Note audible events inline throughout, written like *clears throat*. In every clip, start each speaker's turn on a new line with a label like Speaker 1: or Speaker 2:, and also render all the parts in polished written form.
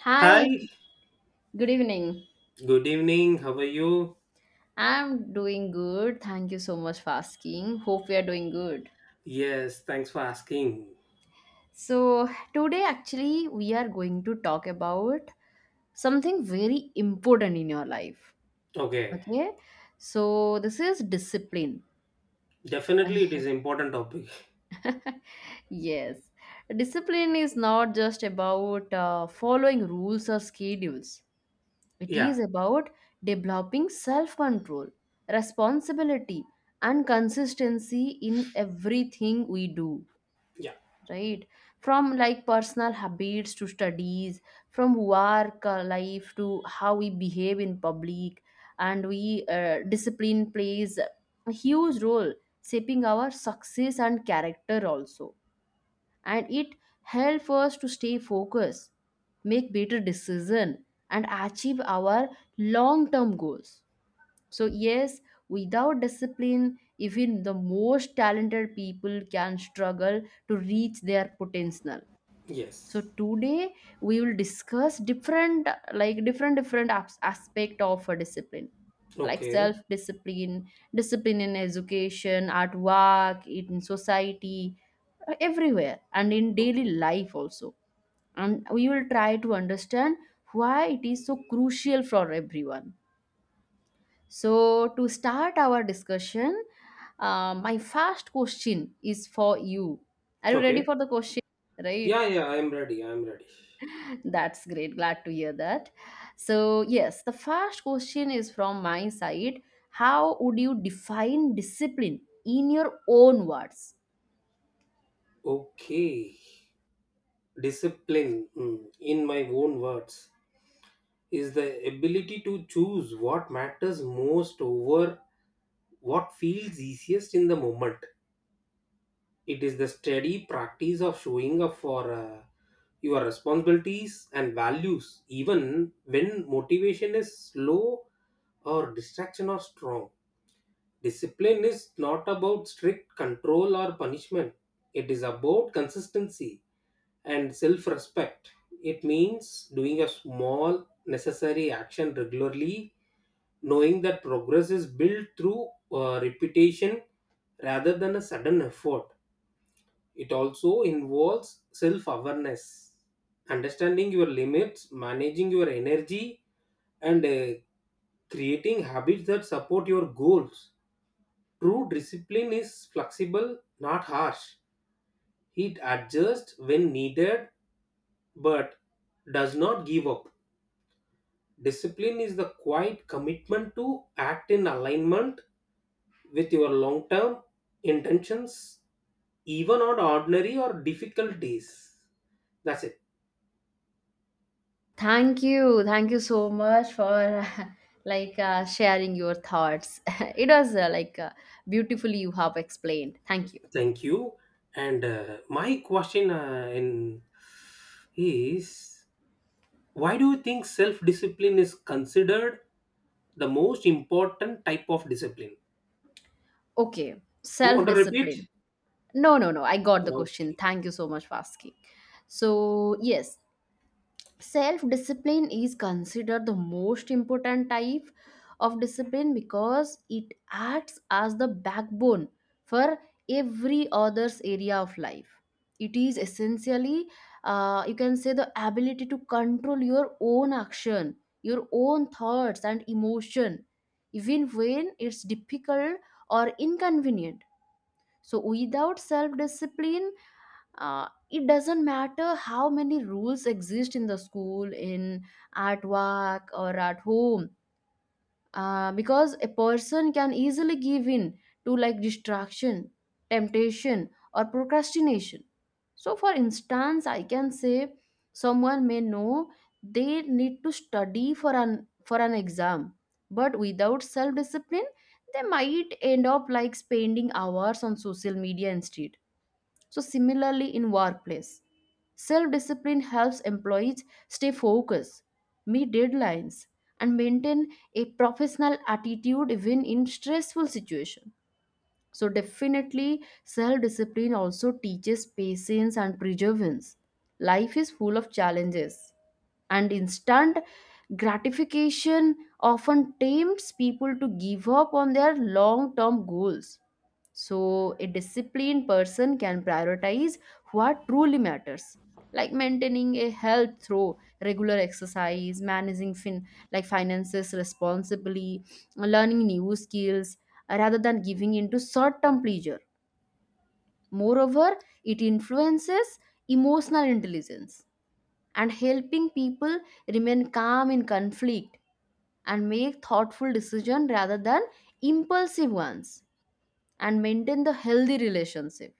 Speaker 1: Hi,
Speaker 2: Hi,
Speaker 1: good evening.
Speaker 2: good evening. How are you?
Speaker 1: I'm doing good. Thank you so much for asking. Hope we are doing good.
Speaker 2: Yes, thanks for asking.
Speaker 1: So, today actually, we are going to talk about something very important in your life.
Speaker 2: Okay,
Speaker 1: Okay? So, this is discipline.
Speaker 2: definitely it is
Speaker 1: *laughs*
Speaker 2: important topic.
Speaker 1: Yes. Discipline is not just about following rules or schedules. It
Speaker 2: Yeah,
Speaker 1: is about developing self control, responsibility, and consistency in everything we do,
Speaker 2: yeah,
Speaker 1: right? From like personal habits to studies, from work life to how we behave in public, and we discipline plays a huge role shaping our success and character also, and it helps us to stay focused, make better decisions, and achieve our long-term goals. So yes, without discipline, even the most talented people can struggle to reach their potential. So
Speaker 2: yes.
Speaker 1: today we will discuss different, like different aspect of a discipline, like
Speaker 2: Okay,
Speaker 1: self discipline, discipline in education, at work, in society, everywhere, and in daily
Speaker 2: okay,
Speaker 1: life also. And we will try to understand why it is so crucial for everyone. So to start our discussion, my first question is for you. Are you ready
Speaker 2: okay.
Speaker 1: for the question, right?
Speaker 2: Yeah, yeah, I'm ready. I'm ready.
Speaker 1: That's great. Glad to hear that. So, yes, the first question is from my side. How would you define discipline in your own words?
Speaker 2: Okay, discipline, mm, in my own words, is the ability to choose what matters most over what feels easiest in the moment. It is the steady practice of showing up for your responsibilities and values, even when motivation is low or distraction are strong. Discipline is not about strict control or punishment, it is about consistency and self respect. It means doing a small, necessary action regularly, knowing that progress is built through repetition rather than a sudden effort. It also involves self awareness, understanding your limits, managing your energy, and creating habits that support your goals. True discipline is flexible, not harsh. It adjusts when needed but does not give up. Discipline is the quiet commitment to act in alignment with your long term intentions, even on ordinary or difficult days. That's it.
Speaker 1: Thank you. Thank you so much for *laughs* like sharing your thoughts. *laughs* It was beautifully you have explained. Thank you.
Speaker 2: Thank you. And my question in is why do you think self-discipline is considered the most important type of discipline?
Speaker 1: Okay,
Speaker 2: You want
Speaker 1: self
Speaker 2: to repeat?
Speaker 1: discipline. No, no, no. I got the
Speaker 2: Yeah,
Speaker 1: question.
Speaker 2: okay.
Speaker 1: Thank you so much for asking. So, yes, self discipline is considered the most important type of discipline because it acts as the backbone for every other's area of life. It is essentially, you can say, the ability to control your own action, your own thoughts and emotion, even when it's difficult or inconvenient. So without self discipline, it doesn't matter how many rules exist in the school, in at work, or at home, because a person can easily give in to like distraction, temptation, or procrastination. So for instance, I can say someone may know they need to study for an exam, but without self discipline they might end up like spending hours on social media instead. So similarly, in workplace, self discipline helps employees stay focused, meet deadlines, and maintain a professional attitude even in stressful situations. So, definitely, self discipline also teaches patience and perseverance. Life is full of challenges, and instant gratification often tempts people to give up on their long term goals. So, a disciplined person can prioritize what truly matters, like maintaining a health through regular exercise, managing like finances responsibly, learning new skills, rather than giving into short-term pleasure. Moreover, it influences emotional intelligence and helping people remain calm in conflict and make thoughtful decisions rather than impulsive ones, and maintain the healthy relationship.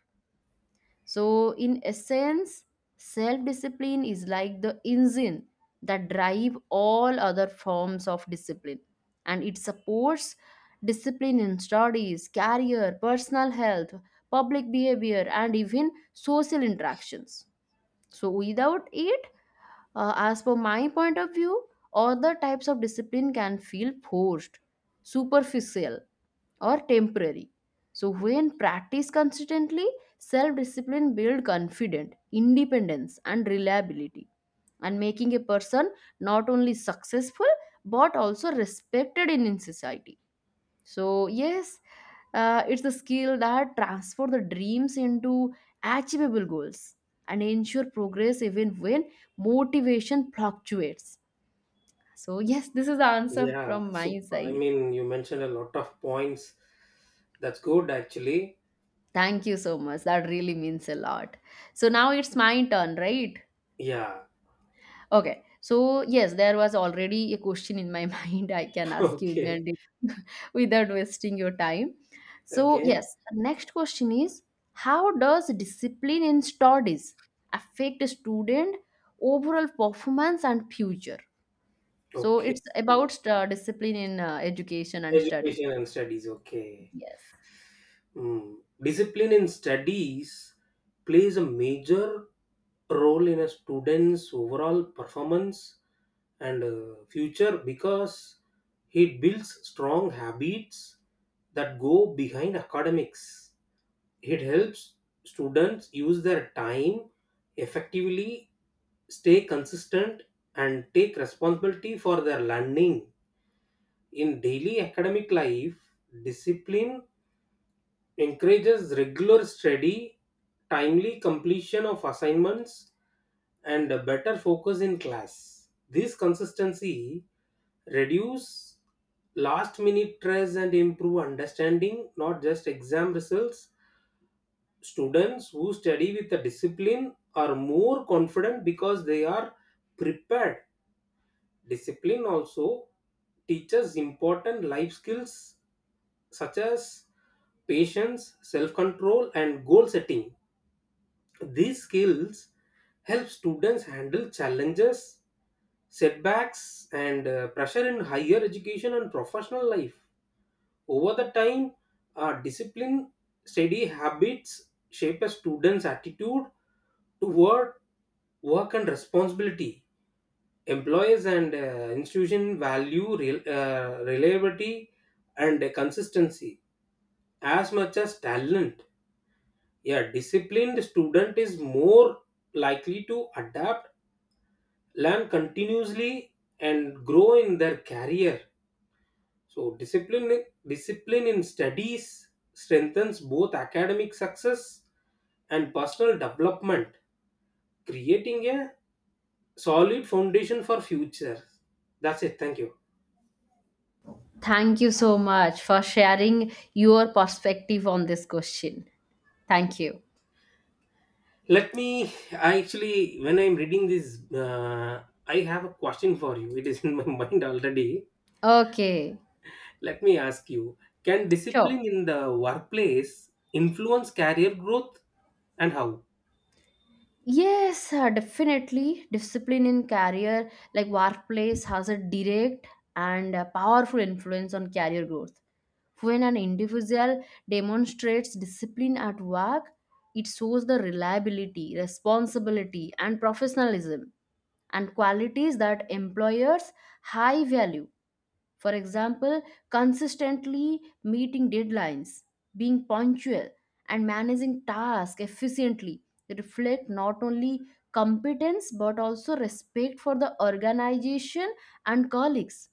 Speaker 1: So, in essence, self discipline is like the engine that drive all other forms of discipline, and it supports discipline in studies, career, personal health, public behavior, and even social interactions. So, without it, as per my point of view, other types of discipline can feel forced, superficial, or temporary. So when practiced consistently, self-discipline build confidence, independence, and reliability, and making a person not only successful but also respected in society. So yes, it's the skill that transfer the dreams into achievable goals and ensure progress even when motivation fluctuates. So yes, this is the answer
Speaker 2: Yeah.
Speaker 1: from
Speaker 2: So
Speaker 1: my
Speaker 2: I
Speaker 1: side.
Speaker 2: mean, you mentioned a lot of points. That's good, actually.
Speaker 1: Thank you so much. That really means a lot. So now it's my turn, right?
Speaker 2: Yeah.
Speaker 1: Okay. So yes, there was already a question in my *laughs* mind. I can
Speaker 2: *laughs*
Speaker 1: ask you
Speaker 2: Okay.
Speaker 1: immediately *laughs* without wasting your time. So
Speaker 2: Okay.
Speaker 1: yes, the next question is, how does discipline in studies affect a student overall performance and future? So
Speaker 2: Okay.
Speaker 1: it's about discipline in education and studies.
Speaker 2: Education and studies. Okay.
Speaker 1: Yes.
Speaker 2: Hmm. Discipline in studies plays a major role in a student's overall performance and future, because it builds strong habits that go behind academics. It helps students use their time effectively, stay consistent, and take responsibility for their learning. In daily academic life, discipline encourages regular study, timely completion of assignments, and a better focus in class. This consistency reduce last minute stress and improve understanding not just exam results. Students who study with a discipline are more confident because they are prepared. Discipline also teaches important life skills such as patience, self control, and goal setting. These skills help students handle challenges, setbacks, and pressure in higher education and professional life. Over the time, discipline, steady habits shape a student's attitude toward work and responsibility. Employers and institutions value reliability and consistency as much as talent. Yeah, disciplined student is more likely to adapt, learn continuously, and grow in their career. So discipline in studies strengthens both academic success and personal development, creating a solid foundation for future. That's it. Thank you.
Speaker 1: Thank you so much for sharing your perspective on this question. Thank you.
Speaker 2: Let me. I actually, when I'm reading this, I have a question for you. It is in my *laughs* mind already.
Speaker 1: Okay,
Speaker 2: Let me ask you, can
Speaker 1: sure.
Speaker 2: discipline in the workplace influence career growth, and how?
Speaker 1: Yes, definitely. Discipline in career, like workplace, has a direct and powerful influence on career growth. When an individual demonstrates discipline at work, it shows the reliability, responsibility, and professionalism, and qualities that employers high value. For example, consistently meeting deadlines, being punctual, and managing tasks efficiently reflect not only competence but also respect for the organization and colleagues.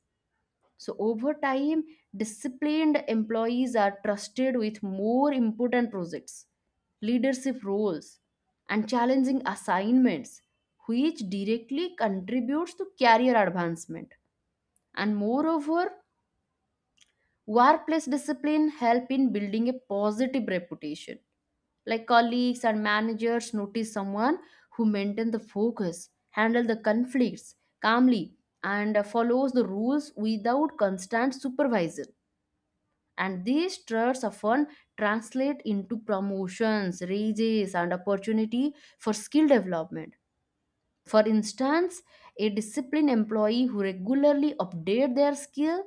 Speaker 1: So, over time, disciplined employees are trusted with more important projects, leadership roles, and challenging assignments, which directly contributes to career advancement. And moreover, workplace discipline help in building a positive reputation. Like colleagues and managers notice someone who maintain the focus, handle the conflicts calmly, and follows the rules without constant supervision. And these traits often translate into promotions, raises, and opportunity for skill development. For instance, a disciplined employee who regularly update their skill,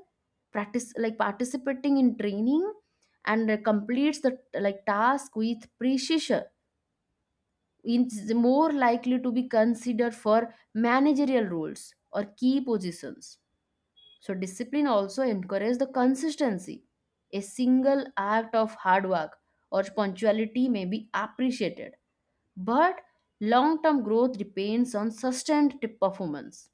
Speaker 1: practice like participating in training, and completes the like task with precision is more likely to be considered for managerial roles or key positions. So discipline also encourages the consistency. A single act of hard work or punctuality may be appreciated, but long-term growth depends on sustained performance.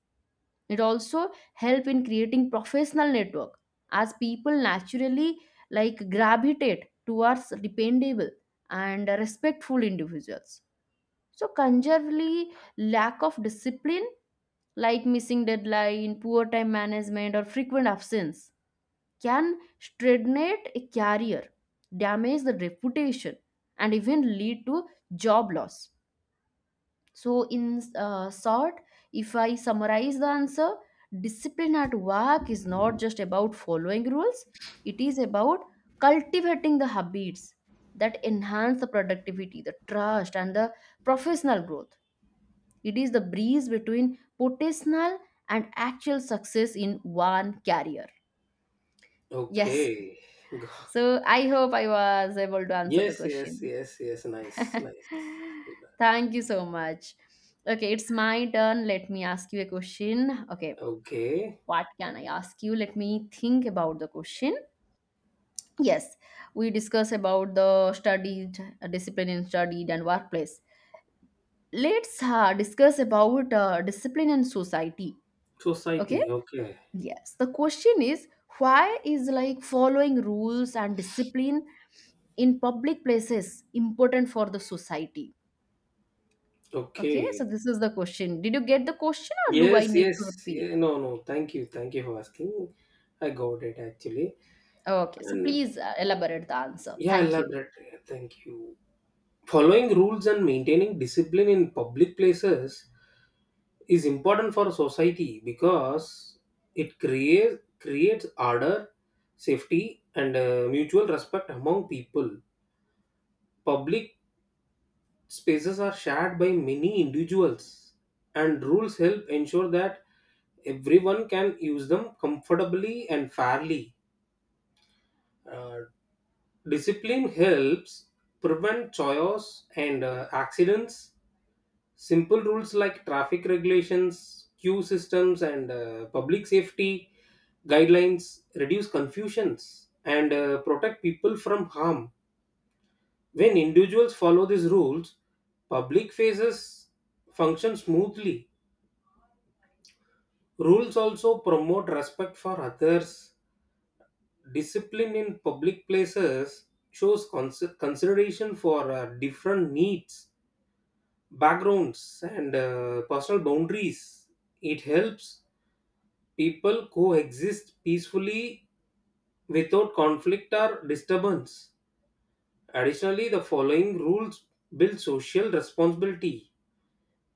Speaker 1: It also help in creating professional network, as people naturally like gravitate towards dependable and respectful individuals. So conjurely, lack of discipline, like missing deadline, poor time management, or frequent absence can stagnate a career, damage the reputation, and even lead to job loss. So, in short, if I summarize the answer, discipline at work is not just about following rules, it is about cultivating the habits that enhance the productivity, the trust, and the professional growth. It is the breeze between potential and actual success in one career. Yes. *laughs*
Speaker 2: Okay. Go-
Speaker 1: So, I hope I was able to answer the
Speaker 2: yes, yes,
Speaker 1: question.
Speaker 2: yes, yes. Nice, nice.
Speaker 1: *laughs* Thank you so much. Okay, it's my turn. Let me ask you a question. Okay,
Speaker 2: Okay.
Speaker 1: what can I ask you? Let me think about the question. Yes, we discuss about the studied discipline in studied and workplace. Let's discuss about discipline and society. Okay.
Speaker 2: Society. Okay.
Speaker 1: Yes. The question is, why is like following rules and discipline in public places important for the society? Okay, so
Speaker 2: Okay.
Speaker 1: this is the question. Did you get the question or do I
Speaker 2: Yes,
Speaker 1: need to
Speaker 2: yes.
Speaker 1: repeat?
Speaker 2: Yeah, no, no. Thank you. Thank you for asking. I got it actually.
Speaker 1: Okay, so
Speaker 2: And
Speaker 1: please elaborate the answer.
Speaker 2: yeah,
Speaker 1: Thank you.
Speaker 2: elaborate. Thank you. Following rules and maintaining discipline in public places is important for society because it creates order, safety, and mutual respect among people. Public spaces are shared by many individuals, and rules help ensure that everyone can use them comfortably and fairly. Uh, Discipline helps prevent chaos and accidents. Simple rules like traffic regulations, queue systems, and public safety guidelines reduce confusions and protect people from harm. When individuals follow these rules, public faces function smoothly. Rules also promote respect for others. Discipline in public places shows consideration for different needs, backgrounds, and personal boundaries. It helps people coexist peacefully without conflict or disturbance. Additionally, the following rules build social responsibility.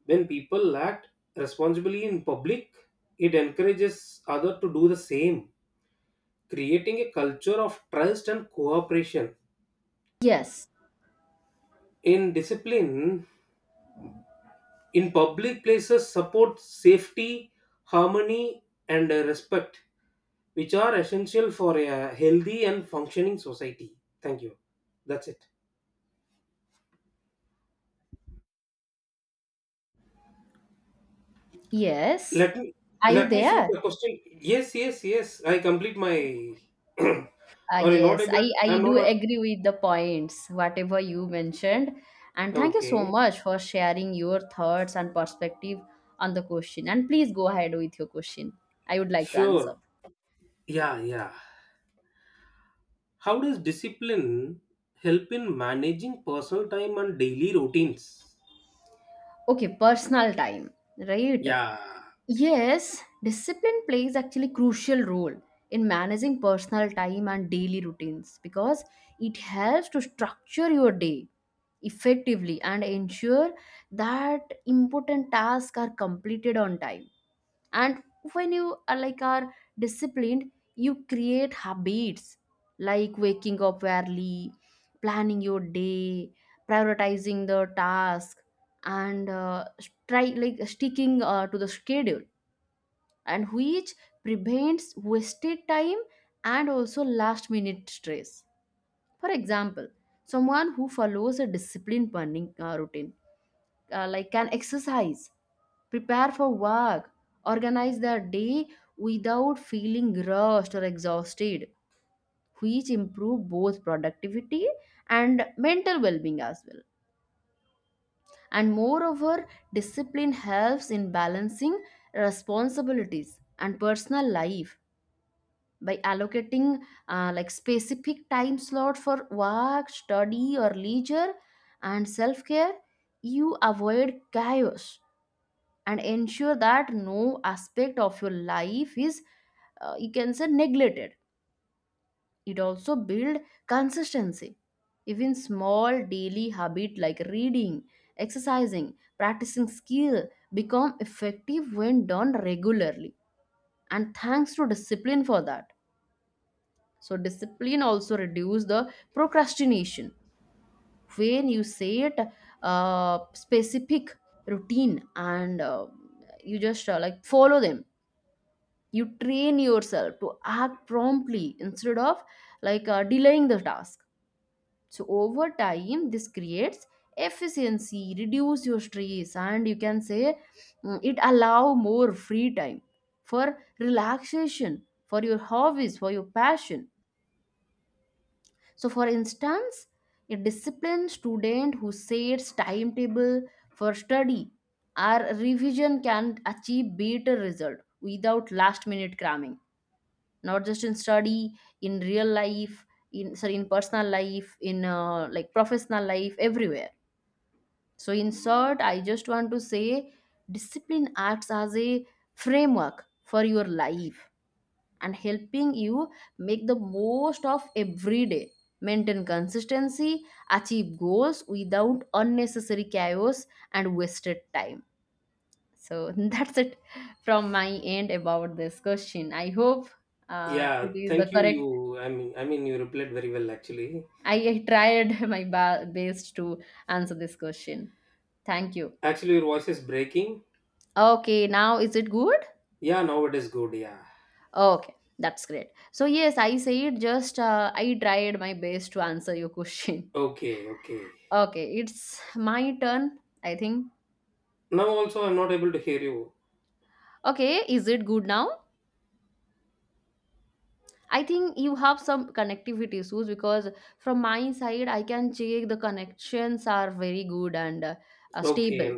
Speaker 2: When people act responsibly in public, it encourages others to do the same, creating a culture of trust and cooperation.
Speaker 1: Yes.
Speaker 2: In discipline, in public places, support safety, harmony, and respect, which are essential for a healthy and functioning society. Thank you. That's it.
Speaker 1: Yes.
Speaker 2: Let me.
Speaker 1: Are you
Speaker 2: Let me shoot
Speaker 1: there?
Speaker 2: a question. Yes, yes, yes, I complete my *clears throat* or
Speaker 1: Yes, I,
Speaker 2: inaudible,
Speaker 1: I
Speaker 2: I'm
Speaker 1: do
Speaker 2: not a,
Speaker 1: agree with the points, whatever you mentioned. And thank you so
Speaker 2: okay,
Speaker 1: much for sharing your thoughts and perspective on the question. And please go ahead with your question. I would like to
Speaker 2: sure.
Speaker 1: answer.
Speaker 2: Yeah, yeah, how does discipline help in managing personal time and daily routines?
Speaker 1: Okay, personal time, right?
Speaker 2: Yeah,
Speaker 1: Yes, discipline plays actually crucial role in managing personal time and daily routines because it helps to structure your day effectively and ensure that important tasks are completed on time. And when you are disciplined, you create habits like waking up early, planning your day, prioritizing the task, and try like sticking to the schedule, and which prevents wasted time and also last minute stress. For example, someone who follows a disciplined morning routine, like can exercise, prepare for work, organize their day without feeling rushed or exhausted, which improve both productivity and mental well-being as well. And moreover, discipline helps in balancing responsibilities and personal life. By allocating like specific time slot for work study or leisure and self-care, you avoid chaos and ensure that no aspect of your life is, you can say, neglected. It also build consistency. Even small daily habit like reading, exercising, practicing skill become effective when done regularly, and thanks to discipline for that. So discipline also reduce the procrastination. When you set a specific routine and you just like follow them, you train yourself to act promptly instead of delaying the task. So over time this creates efficiency, reduce your stress, and you can say, it allow more free time for relaxation, for your hobbies, for your passion. So, for instance, a disciplined student who sets timetable for study or revision can achieve better result without last minute cramming. Not just in study, in real life, in sorry, in personal life, in like professional life, everywhere. So, in short, I just want to say, discipline acts as a framework for your life and helping you make the most of every day. Maintain consistency, achieve goals without unnecessary chaos and wasted time. So *laughs* that's it from my end about this question. I hope
Speaker 2: yeah,
Speaker 1: it is the
Speaker 2: thank you.
Speaker 1: correct.
Speaker 2: I mean, you replied very well, actually.
Speaker 1: I tried *laughs* my best to answer this question. Thank you.
Speaker 2: Actually your voice is breaking.
Speaker 1: Okay, now is it good?
Speaker 2: Yeah, now it is good. Yeah.
Speaker 1: Okay, that's great. So yes, I said just I tried my best to answer your *laughs* question.
Speaker 2: Okay, okay.
Speaker 1: Okay, it's my turn, I think.
Speaker 2: Now also I'm not able to hear you.
Speaker 1: Okay, is it good now? I think you have some connectivity issues because from my side, I can check the connections are very good and
Speaker 2: Okay.
Speaker 1: stable.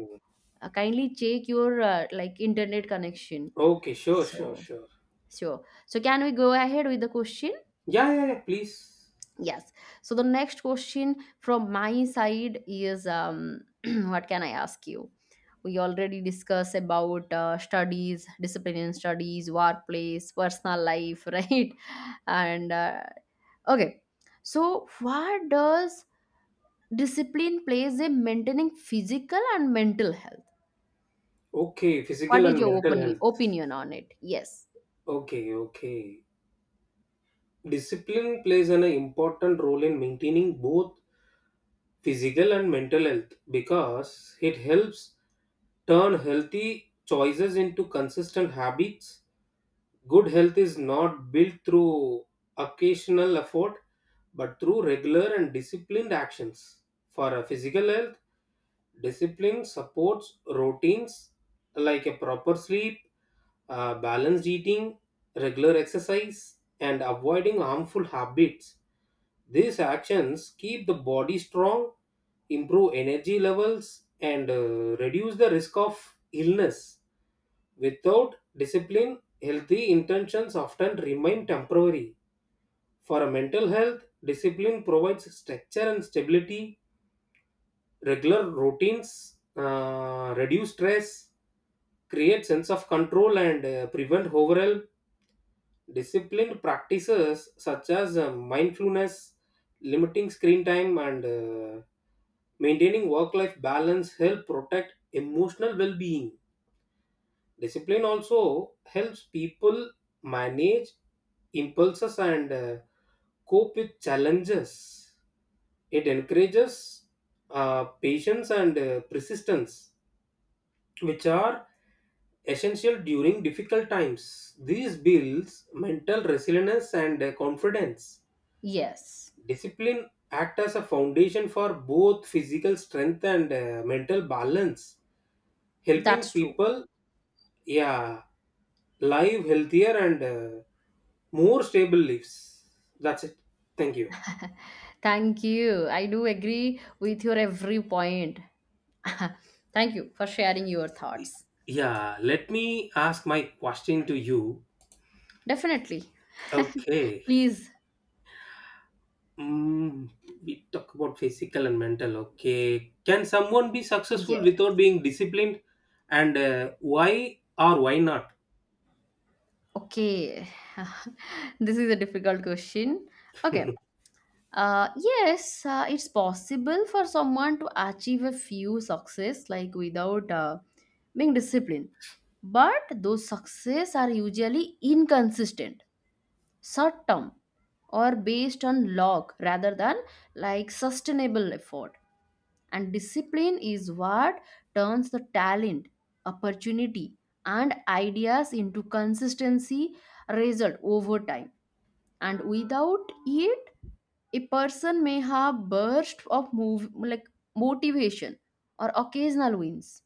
Speaker 1: Kindly check your like internet connection.
Speaker 2: Okay, sure, sure,
Speaker 1: So,
Speaker 2: sure.
Speaker 1: sure. So, can we go ahead with the question?
Speaker 2: Yeah, yeah, yeah, please.
Speaker 1: Yes. So the next question from my side is *clears throat* what can I ask you? We already discussed about studies, discipline in studies, workplace, personal life, *laughs* right? And uh, okay, so what does discipline plays in maintaining physical and mental health?
Speaker 2: Okay, physical
Speaker 1: What is
Speaker 2: and
Speaker 1: your
Speaker 2: mental
Speaker 1: opinion
Speaker 2: health.
Speaker 1: opinion on it? Yes,
Speaker 2: Okay, okay. Discipline plays an important role in maintaining both physical and mental health because it helps turn healthy choices into consistent habits. Good health is not built through occasional effort but through regular and disciplined actions. For a physical health, discipline supports routines like a proper sleep, balanced eating, regular exercise, and avoiding harmful habits. These actions keep the body strong, improve energy levels, and reduce the risk of illness. Without discipline, healthy intentions often remain temporary. For a mental health, discipline provides structure and stability, regular routines, reduce stress, create sense of control and prevent overall. Disciplined practices such as mindfulness, limiting screen time, and maintaining work life balance help protect emotional well being. Discipline also helps people manage impulses and cope with challenges. It encourages patience and persistence, which are essential during difficult times. These builds mental resilience and confidence.
Speaker 1: yes,
Speaker 2: Discipline act as a foundation for both physical strength and mental balance, helping
Speaker 1: that's true.
Speaker 2: people yeah live healthier and more stable lives. That's it. Thank you.
Speaker 1: Thank you. I do agree with your every point. *laughs* Thank you for sharing your thoughts.
Speaker 2: Yeah, let me ask my question to you.
Speaker 1: Definitely.
Speaker 2: Okay.
Speaker 1: Please.
Speaker 2: Mm, we talk about physical and mental. Okay. Can someone be successful
Speaker 1: Yes.
Speaker 2: without being disciplined? And why or why not?
Speaker 1: Okay. *laughs* This is a difficult question. Okay. Yes, it's possible for someone to achieve a few success like without being disciplined. But those success are usually inconsistent, short term, or based on luck rather than like sustainable effort, and discipline is what turns the talent, opportunity, and ideas into consistency result over time. And without it, a person may have bursts of move like motivation or occasional wins,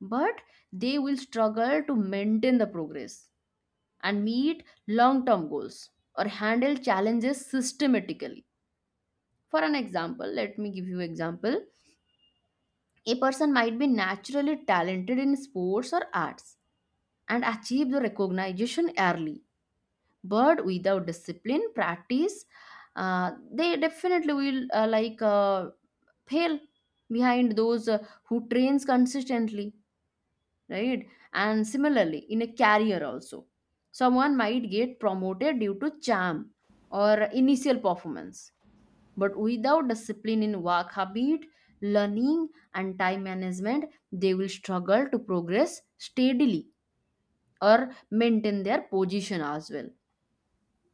Speaker 1: but they will struggle to maintain the progress and meet long term goals or handle challenges systematically. For an example, let me give you example, a person might be naturally talented in sports or arts and achieve the recognition early, but without discipline practice, uh, they definitely will fail behind those who trains consistently, right? And similarly in a career also, someone might get promoted due to charm or initial performance. But without discipline in work habit, learning, and time management, they will struggle to progress steadily or maintain their position as well.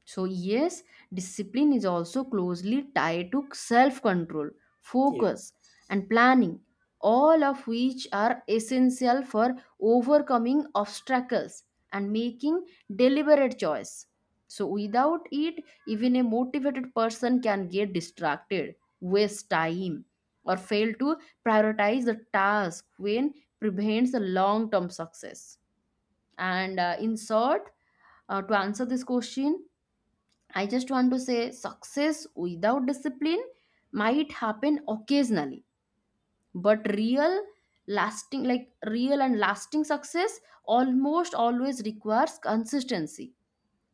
Speaker 1: So, yes, discipline is also closely tied to self control,
Speaker 2: *laughs* Yes.
Speaker 1: focus, and planning, all of which are essential for overcoming obstacles and making deliberate choice. So, without it, even a motivated person can get distracted, waste time, or fail to prioritize the task when prevents the long term success. And In short, to answer this question, I just want to say success without discipline might happen occasionally, but real and lasting success almost always requires consistency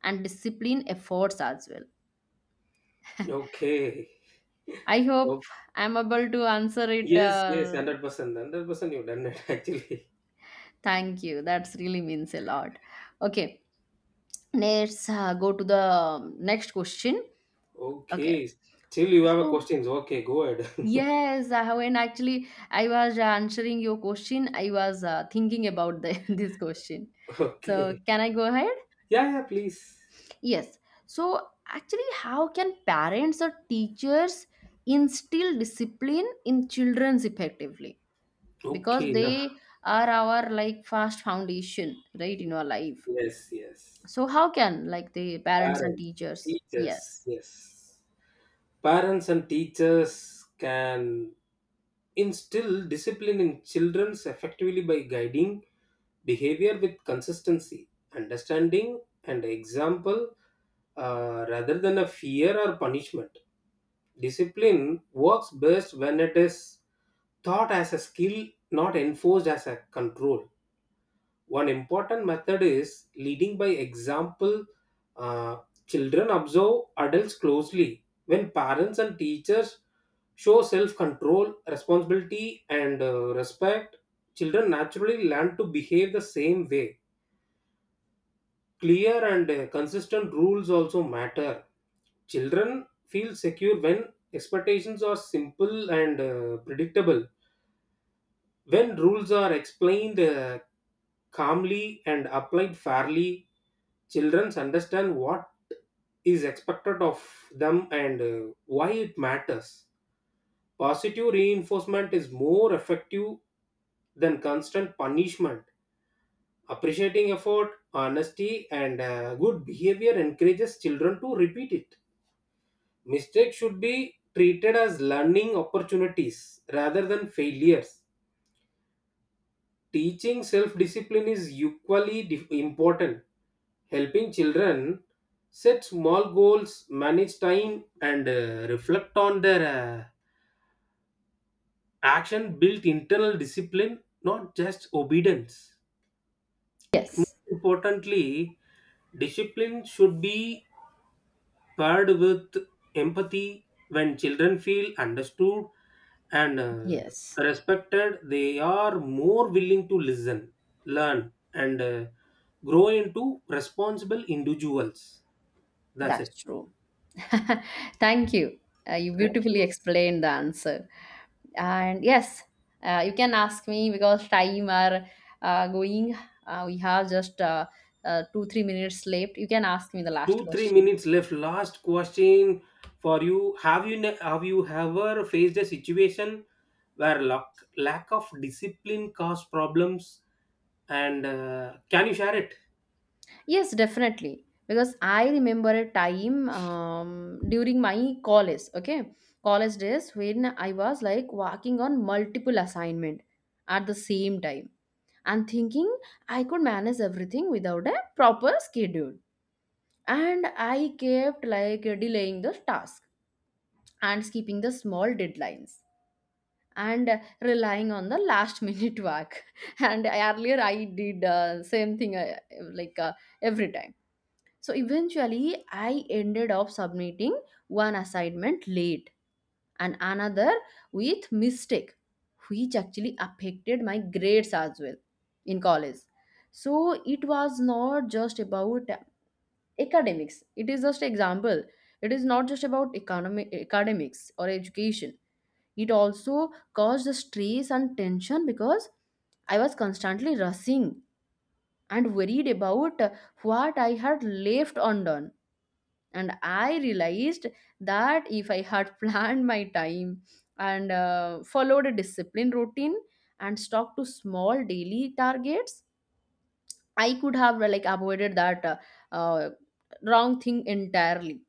Speaker 1: and discipline efforts as well.
Speaker 2: Okay.
Speaker 1: I hope
Speaker 2: Oh,
Speaker 1: I'm able to answer it.
Speaker 2: yes, yes, 100%. 100% you've done it *laughs* actually.
Speaker 1: Thank you. That's really means a lot. Okay, let's go to the next question. Okay,
Speaker 2: Okay. Still, you have a
Speaker 1: so
Speaker 2: questions. Okay, go ahead. *laughs*
Speaker 1: yes, when actually I was answering your question, I was thinking about *laughs* this question. So,
Speaker 2: Okay.
Speaker 1: can I go ahead?
Speaker 2: Yeah, yeah, please.
Speaker 1: Yes. So, actually, how can parents or teachers instill discipline in children's effectively? Because
Speaker 2: Okay, no.
Speaker 1: they are our like first foundation, right, in our life.
Speaker 2: Yes, yes.
Speaker 1: So, how can like the parents and
Speaker 2: Parents,
Speaker 1: teachers?
Speaker 2: teachers,
Speaker 1: Yes.
Speaker 2: yes. Parents and teachers can instill discipline in children effectively by guiding behavior with consistency, understanding, and example, rather than a fear or punishment. Discipline works best when it is taught as a skill, not enforced as a control. One important method is leading by example. Uh, Children observe adults closely. When parents and teachers show self control, responsibility, and respect, children naturally learn to behave the same way. Clear and consistent rules also matter. Children feel secure when expectations are simple and predictable, when rules are explained calmly and applied fairly. Children understand what is expected of them and why it matters. Positive reinforcement is more effective than constant punishment. Appreciating effort, honesty, and good behavior encourages children to repeat it. Mistakes should be treated as learning opportunities rather than failures. Teaching self discipline is equally important. Helping children set small goals, manage time, and reflect on their action built internal discipline, not just obedience. More
Speaker 1: Yes.
Speaker 2: importantly, discipline should be paired with empathy. When children feel understood and
Speaker 1: Yes.
Speaker 2: respected, they are more willing to listen, learn, and grow into responsible individuals. That's
Speaker 1: That's
Speaker 2: it.
Speaker 1: true. *laughs* Thank you. You
Speaker 2: Thank
Speaker 1: beautifully
Speaker 2: you.
Speaker 1: explained the answer. And yes, you can ask me because time are going. We have just 2 or 3 minutes left. You can ask me the last
Speaker 2: Two, three
Speaker 1: question.
Speaker 2: minutes left. Last question for you. Have you have you ever faced a situation where lack of discipline caused problems? And can you share it?
Speaker 1: Yes, definitely. Because I remember a time during my college, okay, college days when I was like working on multiple assignment at the same time and thinking I could manage everything without a proper schedule. And I kept like delaying the task and skipping the small deadlines and relying on the last minute work. *laughs* And earlier I did same thing like uh, every time. So eventually I ended up submitting one assignment late and another with mistake, which actually affected my grades as well in college. So it was not just about academics, it is just example, it is not just about economic academics or education, it also caused the stress and tension because I was constantly rushing and worried about what I had left undone. And I realized that if I had *laughs* planned my time and followed a disciplined routine and stuck to small daily targets, I could have avoided that uh, wrong thing entirely.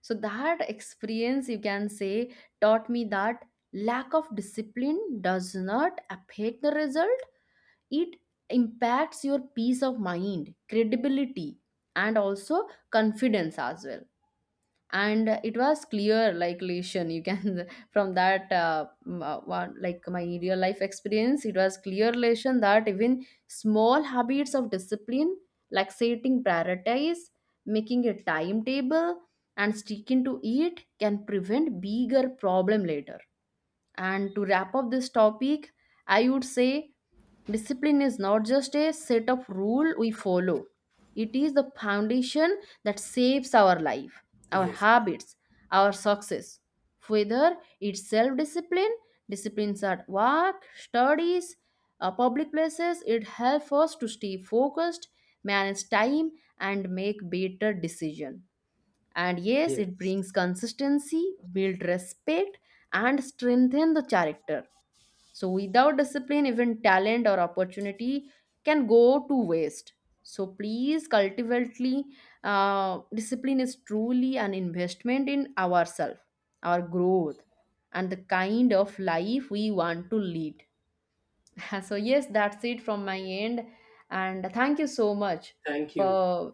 Speaker 1: So that experience, you can say, taught me that lack of discipline does not affect the result. It impacts your peace of mind, credibility, and also confidence as well. And it was clear like lesson, you can *laughs* from that one like my real life experience, it was clear lesson that even small habits of discipline like setting priorities, making a timetable, and sticking to it can prevent bigger problem later. And to wrap up this topic, I would say discipline is not just a set of rule we follow. It is the foundation that shapes our life, our
Speaker 2: Yes.
Speaker 1: habits, our success. Whether it's self-discipline, disciplines at work, studies, public places, it helps us to stay focused, manage time, and make better decisions. And yes, it brings
Speaker 2: Yes.
Speaker 1: consistency, build respect, and strengthen the character. So without discipline, even talent or opportunity can go to waste. So please cultivately, discipline is truly an investment in ourselves, our growth, and the kind of life we want to lead. *laughs* So, yes, that's it from my end. And thank you so much
Speaker 2: Thank you.
Speaker 1: for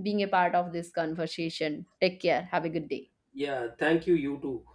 Speaker 1: being a part of this conversation. Take care. Have a good day.
Speaker 2: Yeah, thank you, you too.